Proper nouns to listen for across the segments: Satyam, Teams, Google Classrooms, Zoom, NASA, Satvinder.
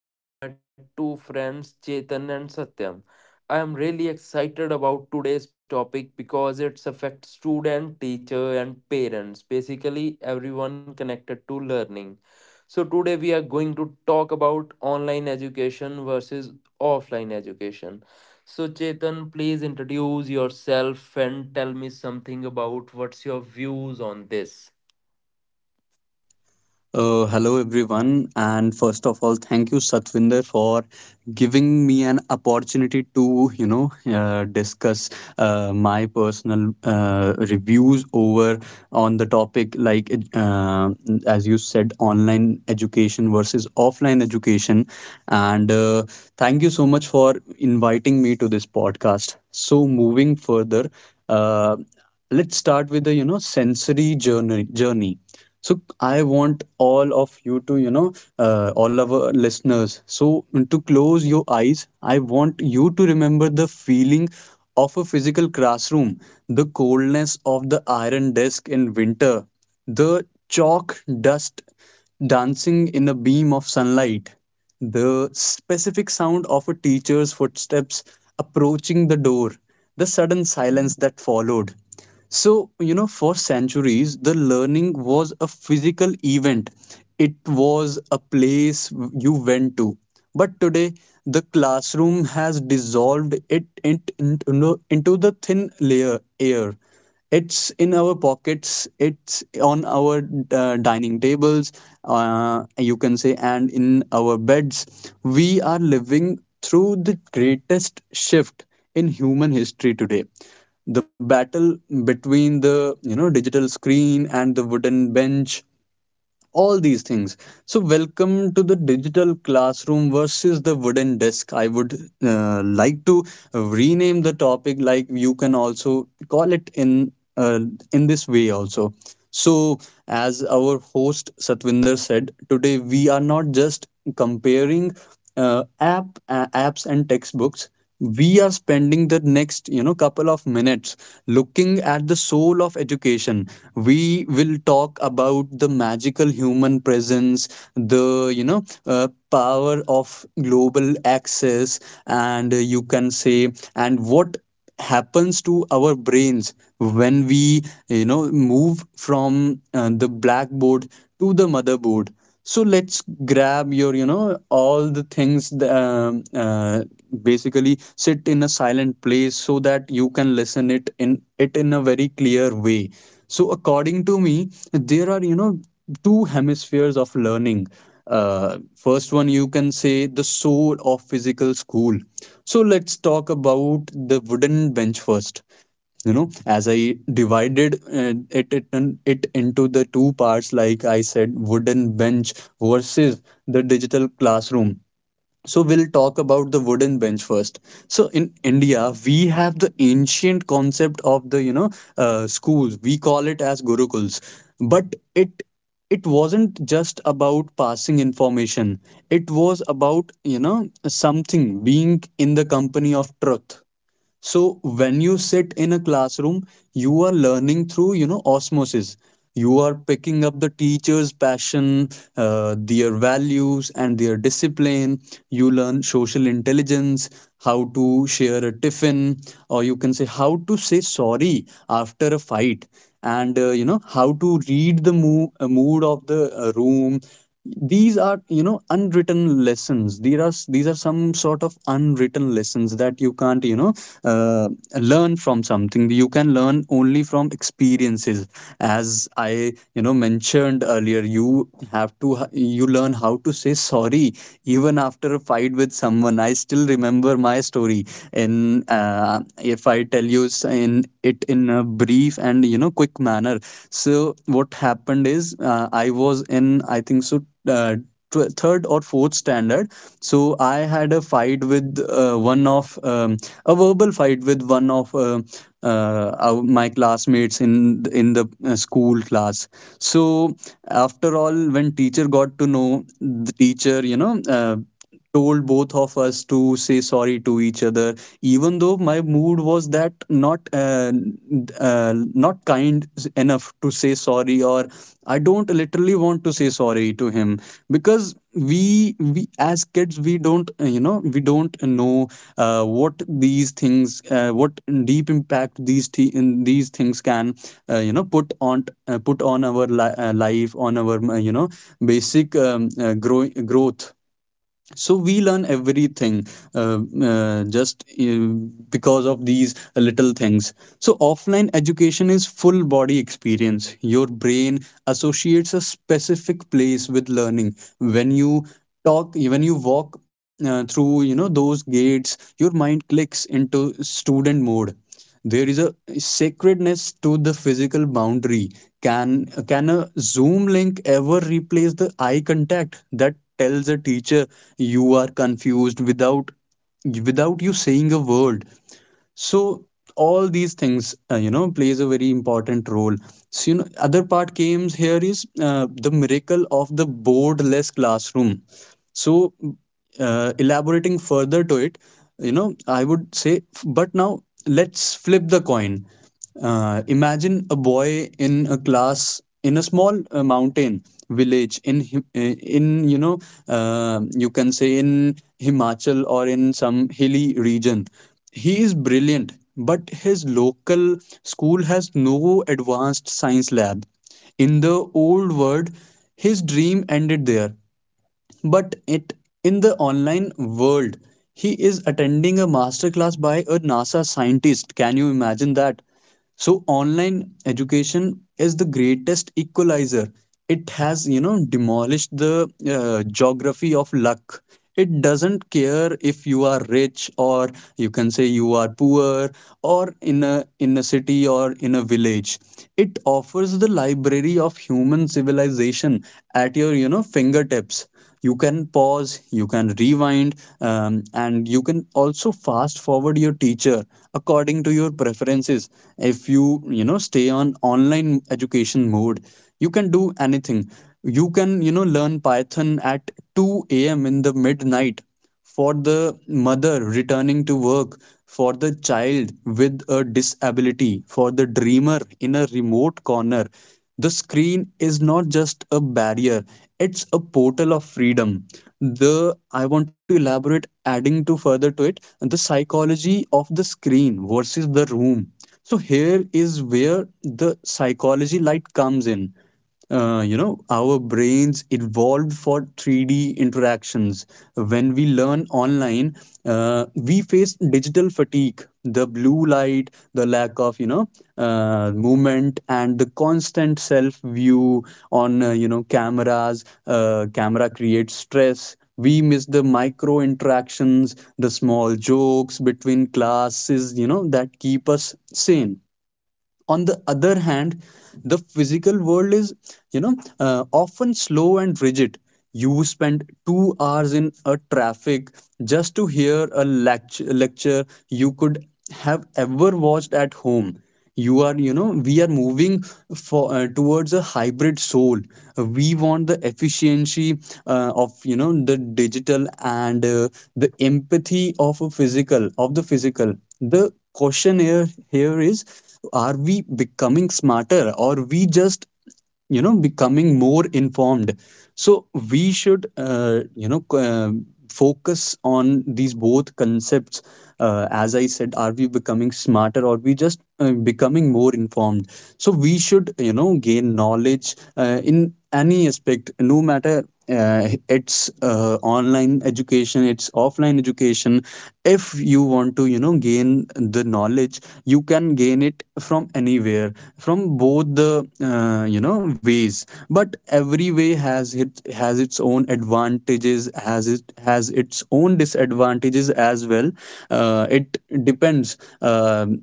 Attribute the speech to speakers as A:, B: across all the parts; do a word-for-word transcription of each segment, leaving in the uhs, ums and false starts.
A: and I am with my two friends Chetan and Satyam. I am really excited about today's topic because it affects student, teacher and parents, basically everyone connected to learning. So today we are going to talk about online education versus offline education. So Chetan, please introduce yourself and tell me something about what's your views on this.
B: Uh, hello everyone, and first of all, thank you Satvinder for giving me an opportunity to you know uh, discuss uh, my personal uh, reviews over on the topic like uh, as you said, online education versus offline education. And uh, Thank you so much for inviting me to this podcast. So, moving further, uh, let's start with the you know sensory journey journey. So, I want all of you to you know uh, all of our listeners. So, to close your eyes, I want you to remember the feeling of a physical classroom, the coldness of the iron desk in winter, the chalk dust dancing in a beam of sunlight. The specific sound of a teacher's footsteps approaching the door, the sudden silence that followed. So, you know, for centuries, the learning was a physical event, it was a place you went to. But today, the classroom has dissolved it, it into, into the thin layer air. It's in our pockets, it's on our uh, dining tables, uh, you can say, and in our beds. We are living through the greatest shift in human history today, the battle between the you know digital screen and the wooden bench, all these things. So welcome to the digital classroom versus the wooden desk. I would uh, like to rename the topic. Like you can also call it in uh, in this way also. So as our host Satvinder said, today we are not just comparing uh, app uh, apps and textbooks. We are spending the next you know couple of minutes looking at the soul of education. We will talk about the magical human presence, the you know uh, power of global access, and uh, you can say, and what happens to our brains when we you know move from uh, the blackboard to the motherboard. So let's grab your you know all the things th- um, uh, basically sit in a silent place so that you can listen it in it in a very clear way. So according to me, there are, you know, two hemispheres of learning. Uh, first one, you can say, the soul of physical school. So let's talk about the wooden bench first. You know, as I divided uh, it, it, it into the two parts, like I said, wooden bench versus the digital classroom. So we'll talk about the wooden bench first. So in India, we have the ancient concept of the you know uh, schools. We call it as gurukuls, but it it wasn't just about passing information. It was about, you know, something being in the company of truth. So when you sit in a classroom, you are learning through, you know, osmosis. You are picking up the teacher's passion, uh, their values, and their discipline. You learn social intelligence, how to share a tiffin, or you can say how to say sorry after a fight, and uh, you know, how to read the mo- uh, mood of the uh, room. These are, you know, unwritten lessons. There are, these are some sort of unwritten lessons that you can't, you know uh, learn from something, you can learn only from experiences. As I, you know, mentioned earlier, you have to, you learn how to say sorry even after a fight with someone. I still remember my story. In uh, If I tell you s- in it in a brief and, you know, quick quick manner. So what happened is, uh, I was in, I think so, uh, tw- third or fourth standard. So I had a fight with uh, one of um, a verbal fight with one of uh, uh, our, my classmates in in the uh, school class. So after all, when teacher got to know, the teacher, you know uh, told both of us to say sorry to each other. Even though my mood was that not, uh, uh, not kind enough to say sorry, or I don't literally want to say sorry to him, because we we as kids, we don't, uh, you know, we don't know uh, what these things, uh, what deep impact these th- in these things can, uh, you know, put on, uh, put on our li- uh, life, on our, uh, you know, basic um, uh, grow- growth. So we learn everything, uh, uh, just, uh, because of these little things. So offline education is full body experience. Your brain associates a specific place with learning. When you talk, when you walk uh, through, you know, those gates, your mind clicks into student mode. There is a sacredness to the physical boundary. Can can a Zoom link ever replace the eye contact that tells a teacher you are confused without without you saying a word? So all these things, uh, you know, plays a very important role. So, you know, other part came here is uh, the miracle of the boardless classroom. So uh, elaborating further to it, you know, I would say, but now let's flip the coin. Uh, imagine a boy in a class in a small uh, mountain village in Him- uh, in, you know, uh, you can say in Himachal or in some hilly region. He is brilliant, but his local school has no advanced science lab. In the old world, his dream ended there. But it in the online world, he is attending a masterclass by a nasa scientist. Can you imagine that? So online education is the greatest equalizer. It has, you know, demolished the uh, geography of luck. It doesn't care if you are rich, or you can say you are poor, or in a in a city or in a village. It offers the library of human civilization at your, you know, fingertips. You can pause, you can rewind, um, and you can also fast forward your teacher according to your preferences. If you, you know, stay on online education mode, you can do anything. You can, you know, learn python at two a.m in the midnight. For the mother returning to work, for the child with a disability, for the dreamer in a remote corner, the screen is not just a barrier, it's a portal of freedom. The, I want to elaborate, adding to further to it, the psychology of the screen versus the room. So here is where the psychology light comes in. Uh, you know, our brains evolved for three D interactions. When we learn online, uh, we face digital fatigue, the blue light, the lack of, you know, uh, movement, and the constant self view on, uh, you know, cameras. Uh, camera creates stress. We miss the micro interactions, the small jokes between classes, you know, that keep us sane. On the other hand, the physical world is, you know, uh, often slow and rigid. You spend two hours in a traffic just to hear a lecture, lecture you could have ever watched at home. You are you know We are moving for uh, towards a hybrid soul. We want the efficiency uh, of, you know, the digital, and uh, the empathy of a physical of the physical. The question here here is, are we becoming smarter, or we just, you know, becoming more informed? So we should, uh, you know c- uh, focus on these both concepts. Uh, as I said, are we becoming smarter, or we just, uh, becoming more informed? So we should, you know, gain knowledge uh, in any aspect, no matter uh, it's uh, online education, it's offline education. If you want to, you know, gain the knowledge, you can gain it from anywhere, from both the, uh, you know, ways. But every way has it has its own advantages, has it has its own disadvantages as well. Uh, it depends, Um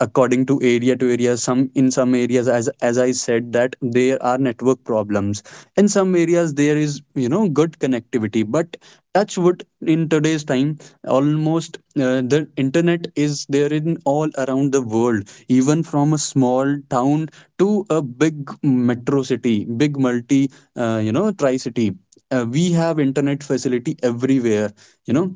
B: according to area to area. some in some areas, as as I said, that there are network problems. In some areas, there is, you know, good connectivity, but touch wood, in today's time, almost, uh, the internet is there in all around the world, even from a small town to a big metro city, big multi, uh, you know, tri city, uh, we have internet facility everywhere, you know.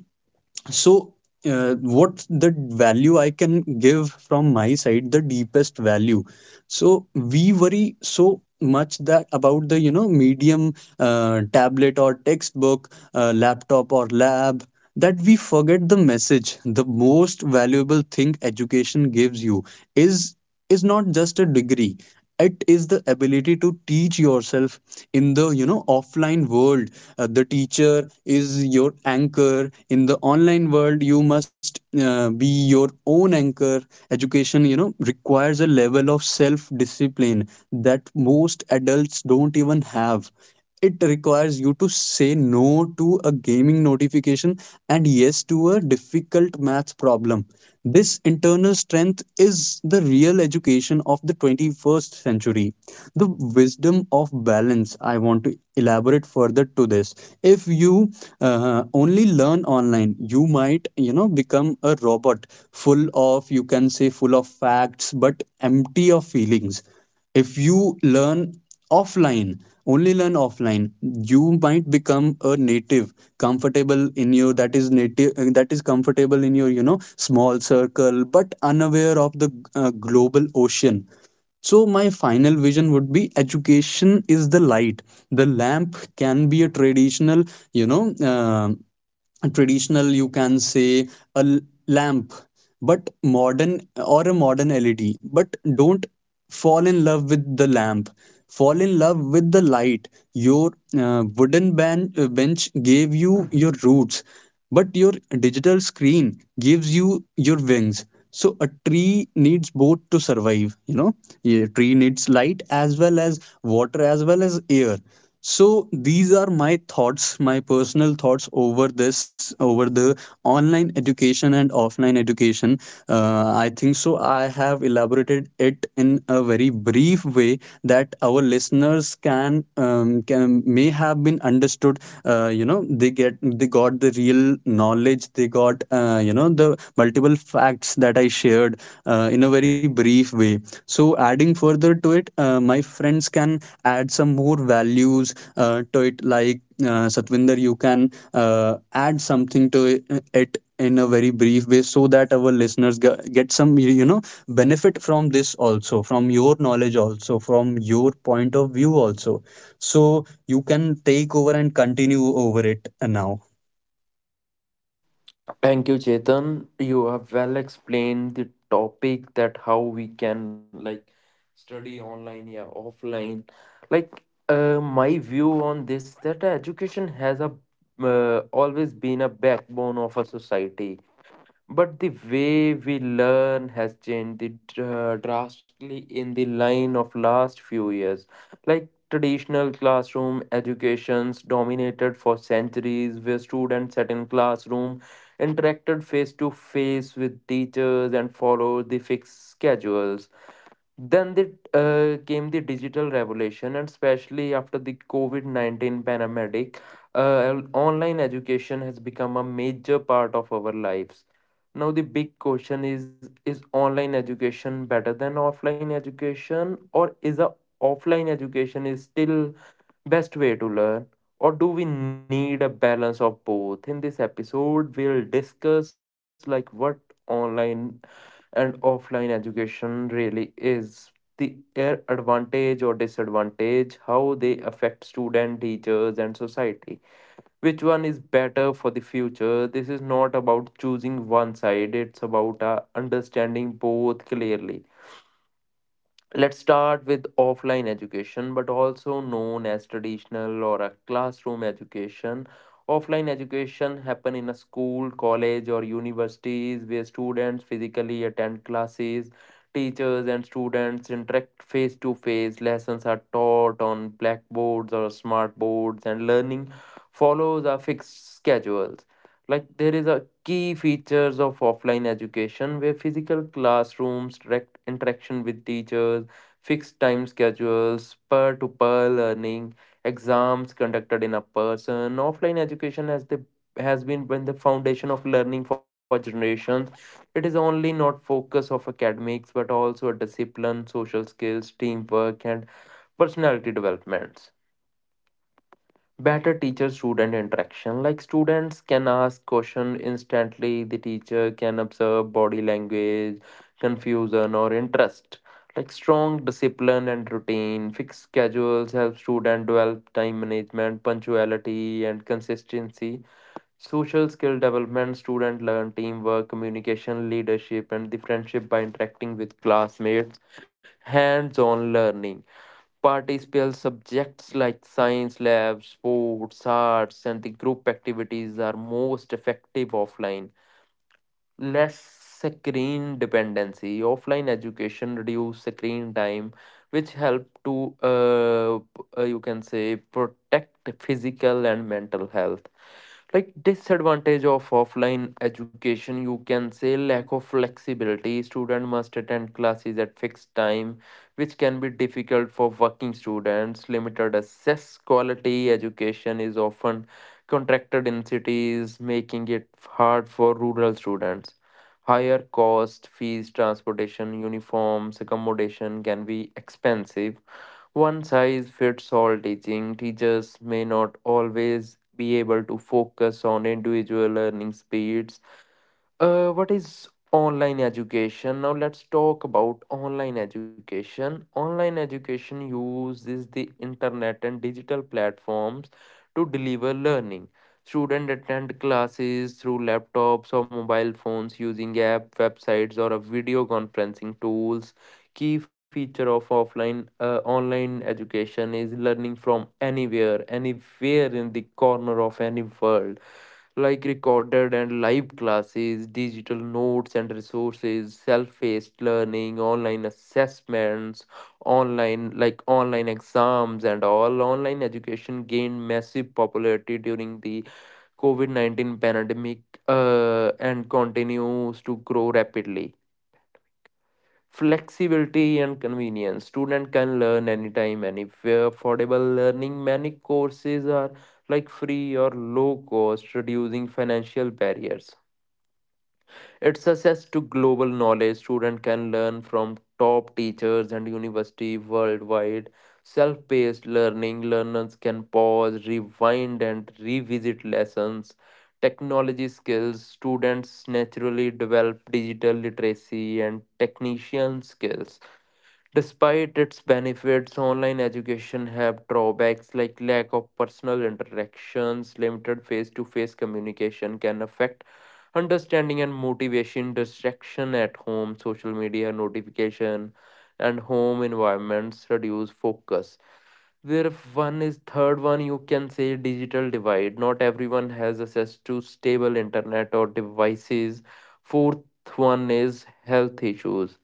B: So uh, what the value I can give from my side, the deepest value. So we worry so much that about the, you know, medium, uh, tablet or textbook, uh, laptop or lab, that we forget the message. The most valuable thing education gives you is is not just a degree, it is the ability to teach yourself. In the, you know, offline world, uh, the teacher is your anchor. In the online world, you must, uh, be your own anchor. Education, you know, requires a level of self discipline that most adults don't even have. It requires you to say no to a gaming notification and yes to a difficult math problem. This internal strength is the real education of the twenty-first century. The wisdom of balance. I want to elaborate further to this. If you, uh, only learn online, you might, you know, become a robot, full of, you can say, full of facts but empty of feelings. If you learn offline Only learn offline, you might become a native, comfortable in your, that is native uh, that is comfortable in your, you know, small circle, but unaware of the, uh, global ocean. So, my final vision would be, education is the light. The lamp can be a traditional, you know, uh, traditional, you can say, a l- lamp, but modern, or a modern L E D. But don't fall in love with the lamp. Fall in love with the light. Your uh, wooden ban- uh, bench gave you your roots, but your digital screen gives you your wings. So a tree needs both to survive, you know. A tree needs light as well as water as well as air. So these are my thoughts, my personal thoughts over this, over the online education and offline education. Uh, I think so. I have elaborated it in a very brief way that our listeners can, um, can may have have been understood. Uh, you know, they get they got the real knowledge, they got, uh, you know, the multiple facts that I shared uh, in a very brief way. So adding further to it, uh, my friends can add some more values uh, to it. Like, uh, Satvinder, you can, uh, add something to it in a very brief way, so that our listeners ge- get some, you know, benefit from this also, from your knowledge also, from your point of view also. So you can take over and continue over it now.
A: Thank you, Chetan. You have well explained the topic that how we can like study online, yeah, offline. Like uh, my view on this that education has a uh, always been a backbone of a society, but the way we learn has changed the dr- drastically in the line of last few years. Like traditional classroom educations dominated for centuries, where students sat in classroom, interacted face to face with teachers, and followed the fixed schedules. Then the, uh, Came the digital revolution, and especially after the COVID nineteen pandemic, uh, online education has become a major part of our lives. Now, the big question is: is online education better than offline education, or is a offline education is still best way to learn, or do we need a balance of both? In this episode we'll discuss like what online and offline education really is, the air advantage or disadvantage, how they affect student, teachers, and society. Which one is better for the future? This is not about choosing one side, it's about uh, understanding both clearly. Let's start with offline education, but also known as traditional or a classroom education. Offline education happen in a school, college, or universities where students physically attend classes. Teachers and students interact face to face. Lessons are taught on blackboards or smart boards, and learning follows a fixed schedules. Like there is a key features of offline education were physical classrooms, direct interaction with teachers, fixed time schedules, peer to peer learning, exams conducted in a person. Offline education has the has been been the foundation of learning for generations. It is only not focus of academics but also a discipline, social skills, teamwork, and personality developments, better teacher student interaction. Like students can ask question instantly, the teacher can observe body language, confusion or interest. Like strong discipline and routine, fixed schedules help student develop time management, punctuality and consistency. Social skill development, student learn teamwork, communication, leadership and the friendship by interacting with classmates. Hands on learning. Participate subjects like science labs, sports, arts, and the group activities are most effective offline. Less screen dependency. Offline education reduce screen time, which help to uh, p- uh, you can say protect physical and mental health. Like disadvantage of offline education, you can say lack of flexibility, student must attend classes at fixed time, which can be difficult for working students. Limited access, quality education is often contracted in cities, making it hard for rural students. Higher cost, fees, transportation, uniforms, accommodation can be expensive. One size fits all teaching. Teachers may not always be able to focus on individual learning speeds. Uh, what is online education? Now let's talk about online education. Online education uses the internet and digital platforms to deliver learning. Students attend classes through laptops or mobile phones using app, websites, or a video conferencing tools. Key feature of offline uh, online education is learning from anywhere anywhere in the corner of any world, like recorded and live classes, digital notes and resources, self-paced learning, online assessments, online like online exams and all. Online education gained massive popularity during the covid nineteen pandemic, uh, and continues to grow rapidly. Flexibility and convenience. Student can learn anytime, anywhere. Affordable learning. Many courses are like free or low cost, reducing financial barriers. It's access to global knowledge. Student can learn from top teachers and university worldwide. Self-paced learning. Learners can pause, rewind, and revisit lessons. Technology skills. Students naturally develop digital literacy and technician skills. Despite its benefits, online education have drawbacks like lack of personal interactions, limited face-to-face communication can affect understanding and motivation, distraction at home, social media notification, and home environments reduce focus. Where if one is third one, you can say digital divide. Not everyone has access to stable internet or devices. Fourth one is health issues.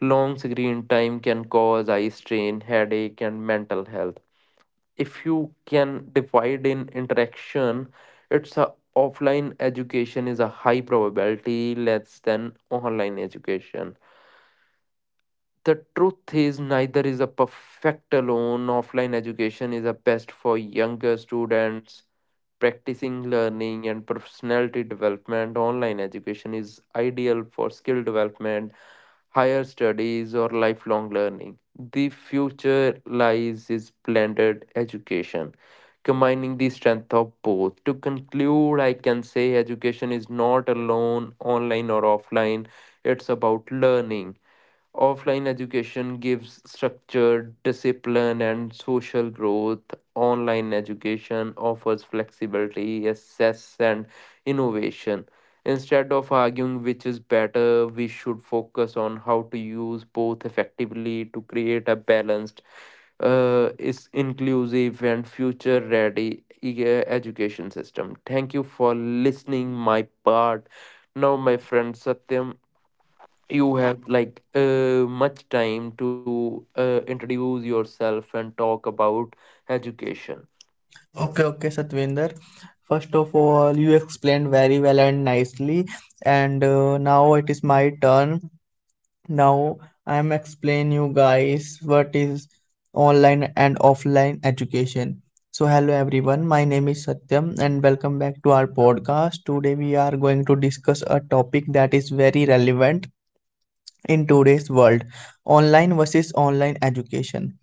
A: Long screen time can cause eye strain, headache, and mental health. If you can divide in interaction, it's a offline education is a high probability less than online education. The truth is, neither is a perfect alone. Offline education is a best for younger students, practicing learning and personality development. Online education is ideal for skill development, higher studies, or lifelong learning. The future lies is blended education, combining the strength of both. To conclude, I can say education is not alone, online or offline. It's about learning. Offline education gives structure, discipline, and social growth. Online education offers flexibility, access, and innovation. Instead of arguing which is better, we should focus on how to use both effectively to create a balanced, uh, is inclusive, and future ready education system. Thank you for listening, my part. Now, my friend Satyam, you have like uh, much time to uh, introduce yourself and talk about education.
C: Okay, okay, Satvinder. First of all, you explained very well and nicely, and uh, now it is my turn. Now I'm explain you guys what is online and offline education. So hello everyone, my name is Satyam and welcome back to our podcast. Today we are going to discuss a topic that is very relevant in today's world, online versus online education.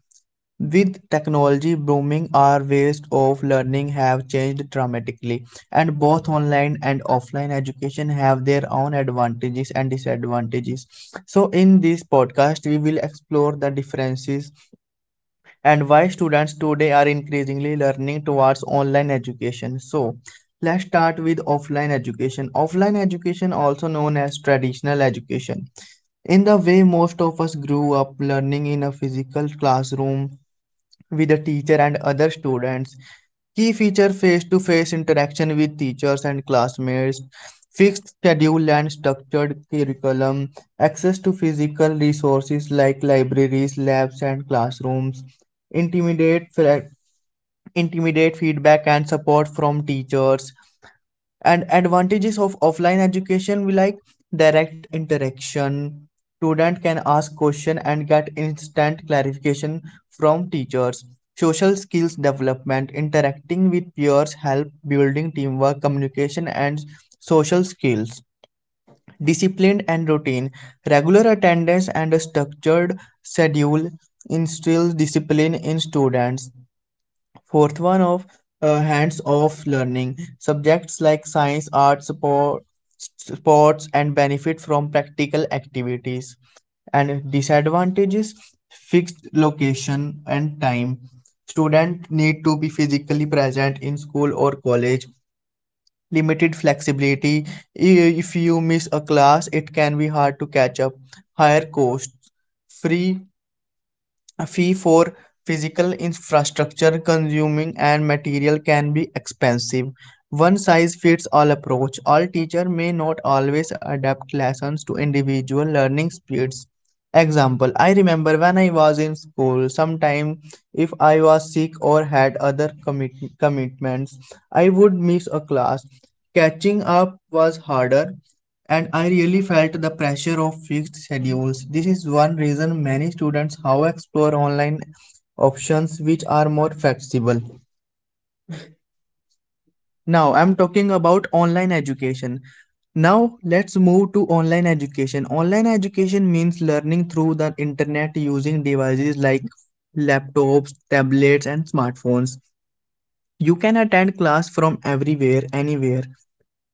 C: With technology booming, our ways of learning have changed dramatically, and both online and offline education have their own advantages and disadvantages. So, in this podcast, we will explore the differences and why students today are increasingly learning towards online education. So, let's start with offline education. Offline education, also known as traditional education. In the way most of us grew up learning in a physical classroom, with the teacher and other students. Key feature: face to face interaction with teachers and classmates, fixed schedule and structured curriculum, access to physical resources like libraries, labs, and classrooms, intimidate, intimidate feedback and support from teachers, and advantages of offline education we like: direct interaction, student can ask question and get instant clarification from teachers; social skills development, interacting with peers help building teamwork, communication, and social skills; discipline and routine, regular attendance and a structured schedule instills discipline in students. Fourth one of uh, hands-off learning. Subjects like science, art, support, sports, and benefit from practical activities. And disadvantages, fixed location and time. Students need to be physically present in school or college. Limited flexibility. If you miss a class, it can be hard to catch up. Higher costs. Free a fee for physical infrastructure, consuming, and material can be expensive. One size fits all approach. All teacher may not always adapt lessons to individual learning speeds. Example: I remember when I was in school, sometime if I was sick or had other commit- commitments, I would miss a class. Catching up was harder and I really felt the pressure of fixed schedules. This is one reason many students how explore online options which are more flexible. Now I'm talking about online education. Now let's move to online education. Online education means learning through the internet using devices like laptops, tablets and smartphones. You can attend class from everywhere, anywhere.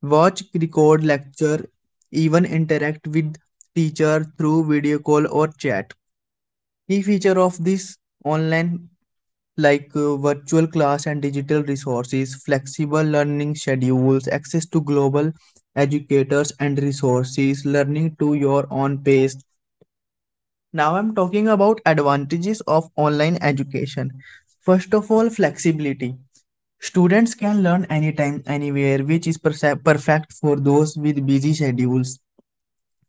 C: Watch, record lecture, even interact with teacher through video call or chat. Key feature of this online like uh, virtual class and digital resources, flexible learning schedules, access to global educators and resources, learning to your own pace. Now I'm talking about advantages of online education. First of all, flexibility. Students can learn anytime, anywhere, which is perse- perfect for those with busy schedules.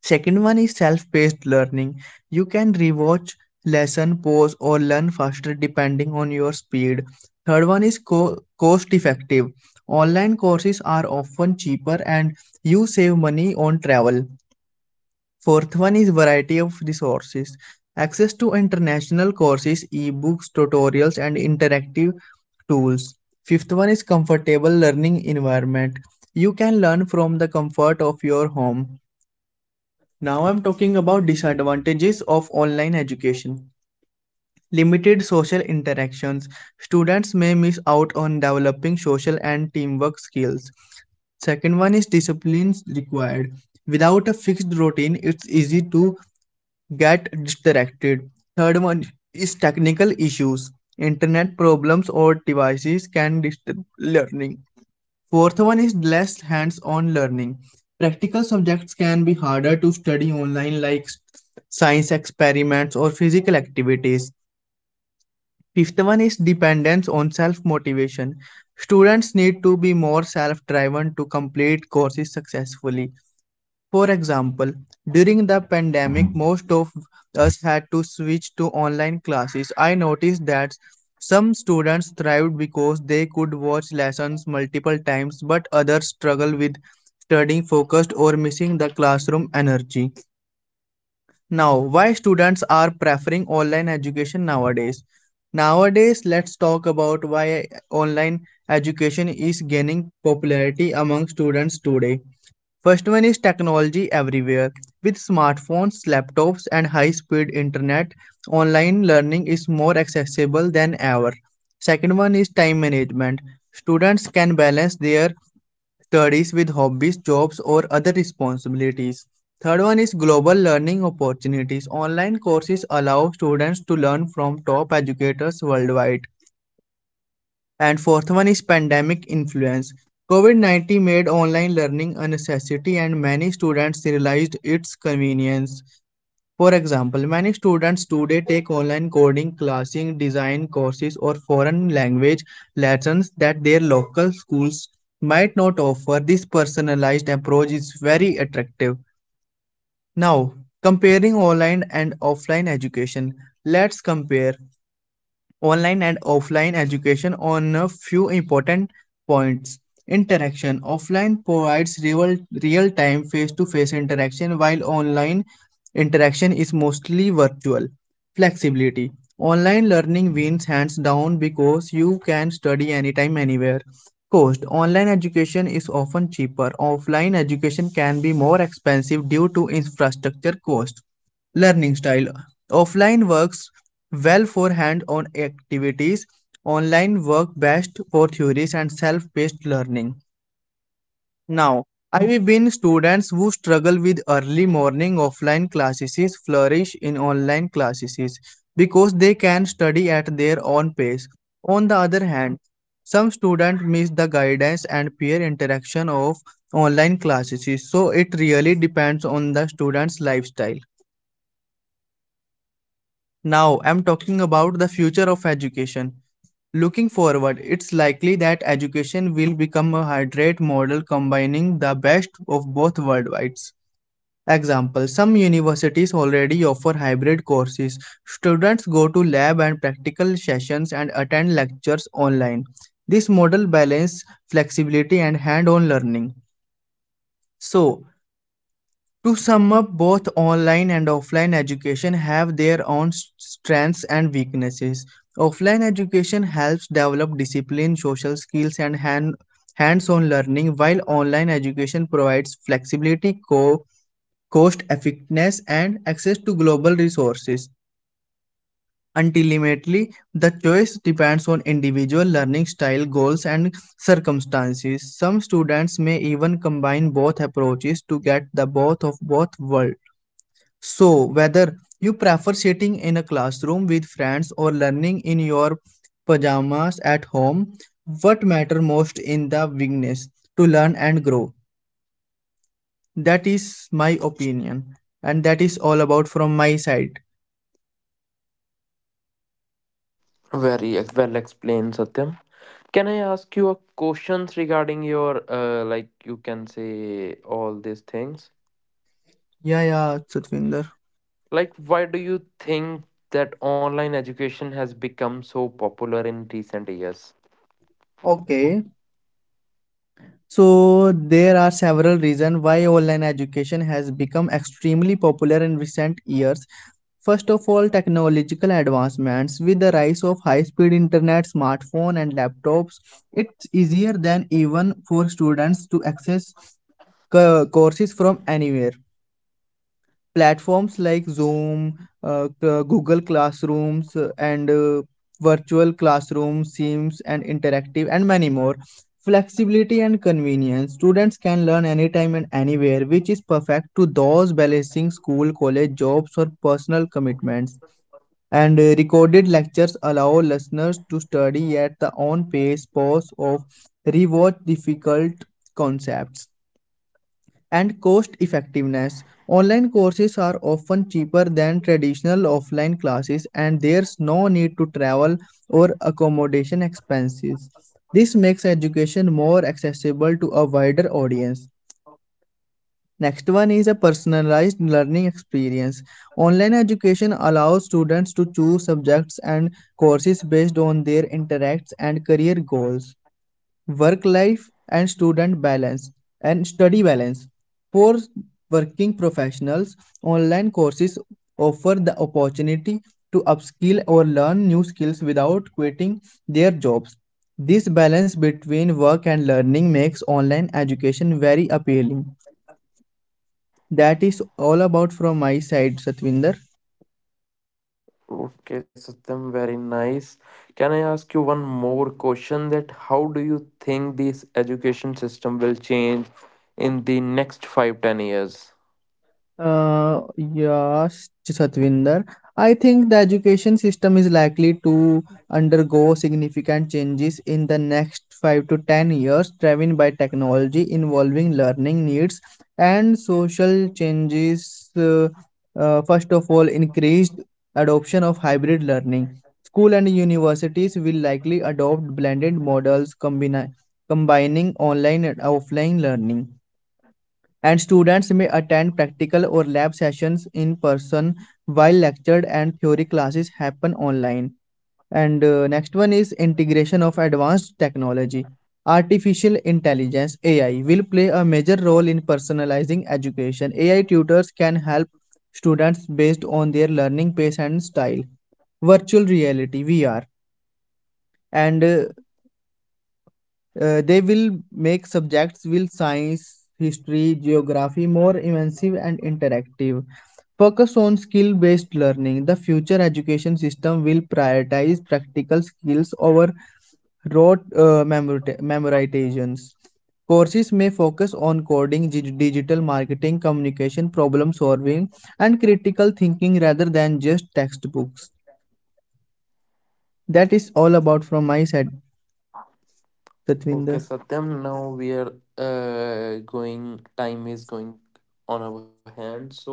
C: Second one is self-paced learning. You can rewatch lesson, pause or learn faster depending on your speed. Third one is co- cost effective. Online courses are often cheaper and you save money on travel. Fourth one is variety of resources. Access to international courses, ebooks, tutorials and interactive tools. Fifth one is comfortable learning environment. You can learn from the comfort of your home. Now I'm talking about disadvantages of online education. Limited social interactions. Students may miss out on developing social and teamwork skills. Second one is disciplines required. Without a fixed routine, it's easy to get distracted. Third one is technical issues. Internet problems or devices can disturb learning. Fourth one is less hands-on learning. Practical subjects can be harder to study online, like science experiments or physical activities. Fifth one is dependence on self-motivation. Students need to be more self-driven to complete courses successfully. For example, during the pandemic, most of us had to switch to online classes. I noticed that some students thrived because they could watch lessons multiple times, but others struggle with studying focused or missing the classroom energy. Now, why students are preferring online education nowadays? Nowadays, let's talk about why online education is gaining popularity among students today. First one is technology everywhere. With smartphones, laptops, and high speed internet, online learning is more accessible than ever. Second one is time management. Students can balance their studies with hobbies, jobs, or other responsibilities. Third one is global learning opportunities. Online courses allow students to learn from top educators worldwide. And fourth one is pandemic influence. COVID 19 made online learning a necessity, and many students realized its convenience. For example, many students today take online coding, classing, design courses, or foreign language lessons that their local schools might not offer. This personalized approach is very attractive. Now, comparing online and offline education, let's compare online and offline education on a few important points. Interaction: offline provides real real time face to face interaction, while online interaction is mostly virtual. Flexibility: online learning wins hands down because you can study anytime, anywhere. Cost: online education is often cheaper, offline education can be more expensive due to infrastructure cost. Learning style: offline works well for hands-on activities, online work best for theories and self-paced learning. Now, I've been students who struggle with early morning offline classes flourish in online classes because they can study at their own pace. On the other hand, some students miss the guidance and peer interaction of online classes, so it really depends on the student's lifestyle. Now, I'm talking about the future of education. Looking forward, it's likely that education will become a hybrid model combining the best of both worlds. Example, some universities already offer hybrid courses. Students go to lab and practical sessions and attend lectures online. This model balances flexibility and hands-on learning. So, to sum up, both online and offline education have their own strengths and weaknesses. Offline education helps develop discipline, social skills, and hand, hands-on learning, while online education provides flexibility, co- cost effectiveness, and access to global resources. Ultimately, the choice depends on individual learning style, goals, and circumstances. Some students may even combine both approaches to get the best of both worlds. So, whether you prefer sitting in a classroom with friends or learning in your pajamas at home, what matters most in the willingness to learn and grow? That is my opinion, and that is all about from my side.
A: Very ex- well explained, Satyam. Can I ask you a questions regarding your uh, like you can say all these things?
C: Yeah, yeah, Satvinder.
A: Like, why do you think that online education has become so popular in recent years?
C: Okay. So there are several reasons why online education has become extremely popular in recent years. First of all, technological advancements. With the rise of high-speed internet, smartphone, and laptops, it's easier than even for students to access co- courses from anywhere. Platforms like Zoom, uh, uh, Google Classrooms, uh, and uh, virtual classrooms, Teams, and interactive, and many more. Flexibility and convenience. Students can learn anytime and anywhere, which is perfect to those balancing school, college, jobs, or personal commitments. And uh, Recorded lectures allow listeners to study at their own pace, pause, or rewatch difficult concepts and cost effectiveness. Online courses are often cheaper than traditional offline classes, and there's no need to travel or accommodation expenses. This makes education more accessible to a wider audience. Next one is a personalized learning experience. Online education allows students to choose subjects and courses based on their interests and career goals, work life and student balance and study balance. For working professionals, online courses offer the opportunity to upskill or learn new skills without quitting their jobs. This balance between work and learning makes online education very appealing. That is all about from my side, Satvinder.
A: Okay, Satyam, very nice. Can I ask you one more question, that how do you think this education system will change in the next five, ten years?
C: Uh, yes, Satvinder. I think the education system is likely to undergo significant changes in the next five to ten years, driven by technology involving learning needs and social changes. Uh, uh, first of all, increased adoption of hybrid learning. School and universities will likely adopt blended models combini- combining online and offline learning, and students may attend practical or lab sessions in person while lecture and theory classes happen online. And uh, next one is integration of advanced technology. Artificial intelligence, AI, will play a major role in personalizing education. A I tutors can help students based on their learning pace and style. Virtual reality, V R, and uh, Uh, they will make subjects will science, history, geography more immersive and interactive. Focus on skill based learning. The future education system will prioritize practical skills over rote uh, memorizations. Courses may focus on coding, digital marketing, communication, problem solving, and critical thinking rather than just textbooks. That is all about from my side,
A: Okay,
C: Satvinder.
A: Satyam, now we are uh, going, time is going on our hand. So,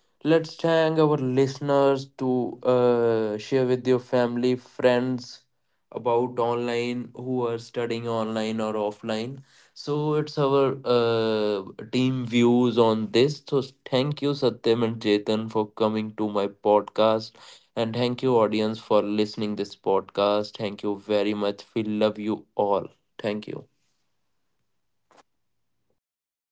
A: let's thank our listeners to uh, share with your family, friends about online, who are studying online or offline. So it's our uh, team views on this. So thank you, Satyam and Chetan, for coming to my podcast. And thank you, audience, for listening this podcast. Thank you very much. We love you all. Thank you.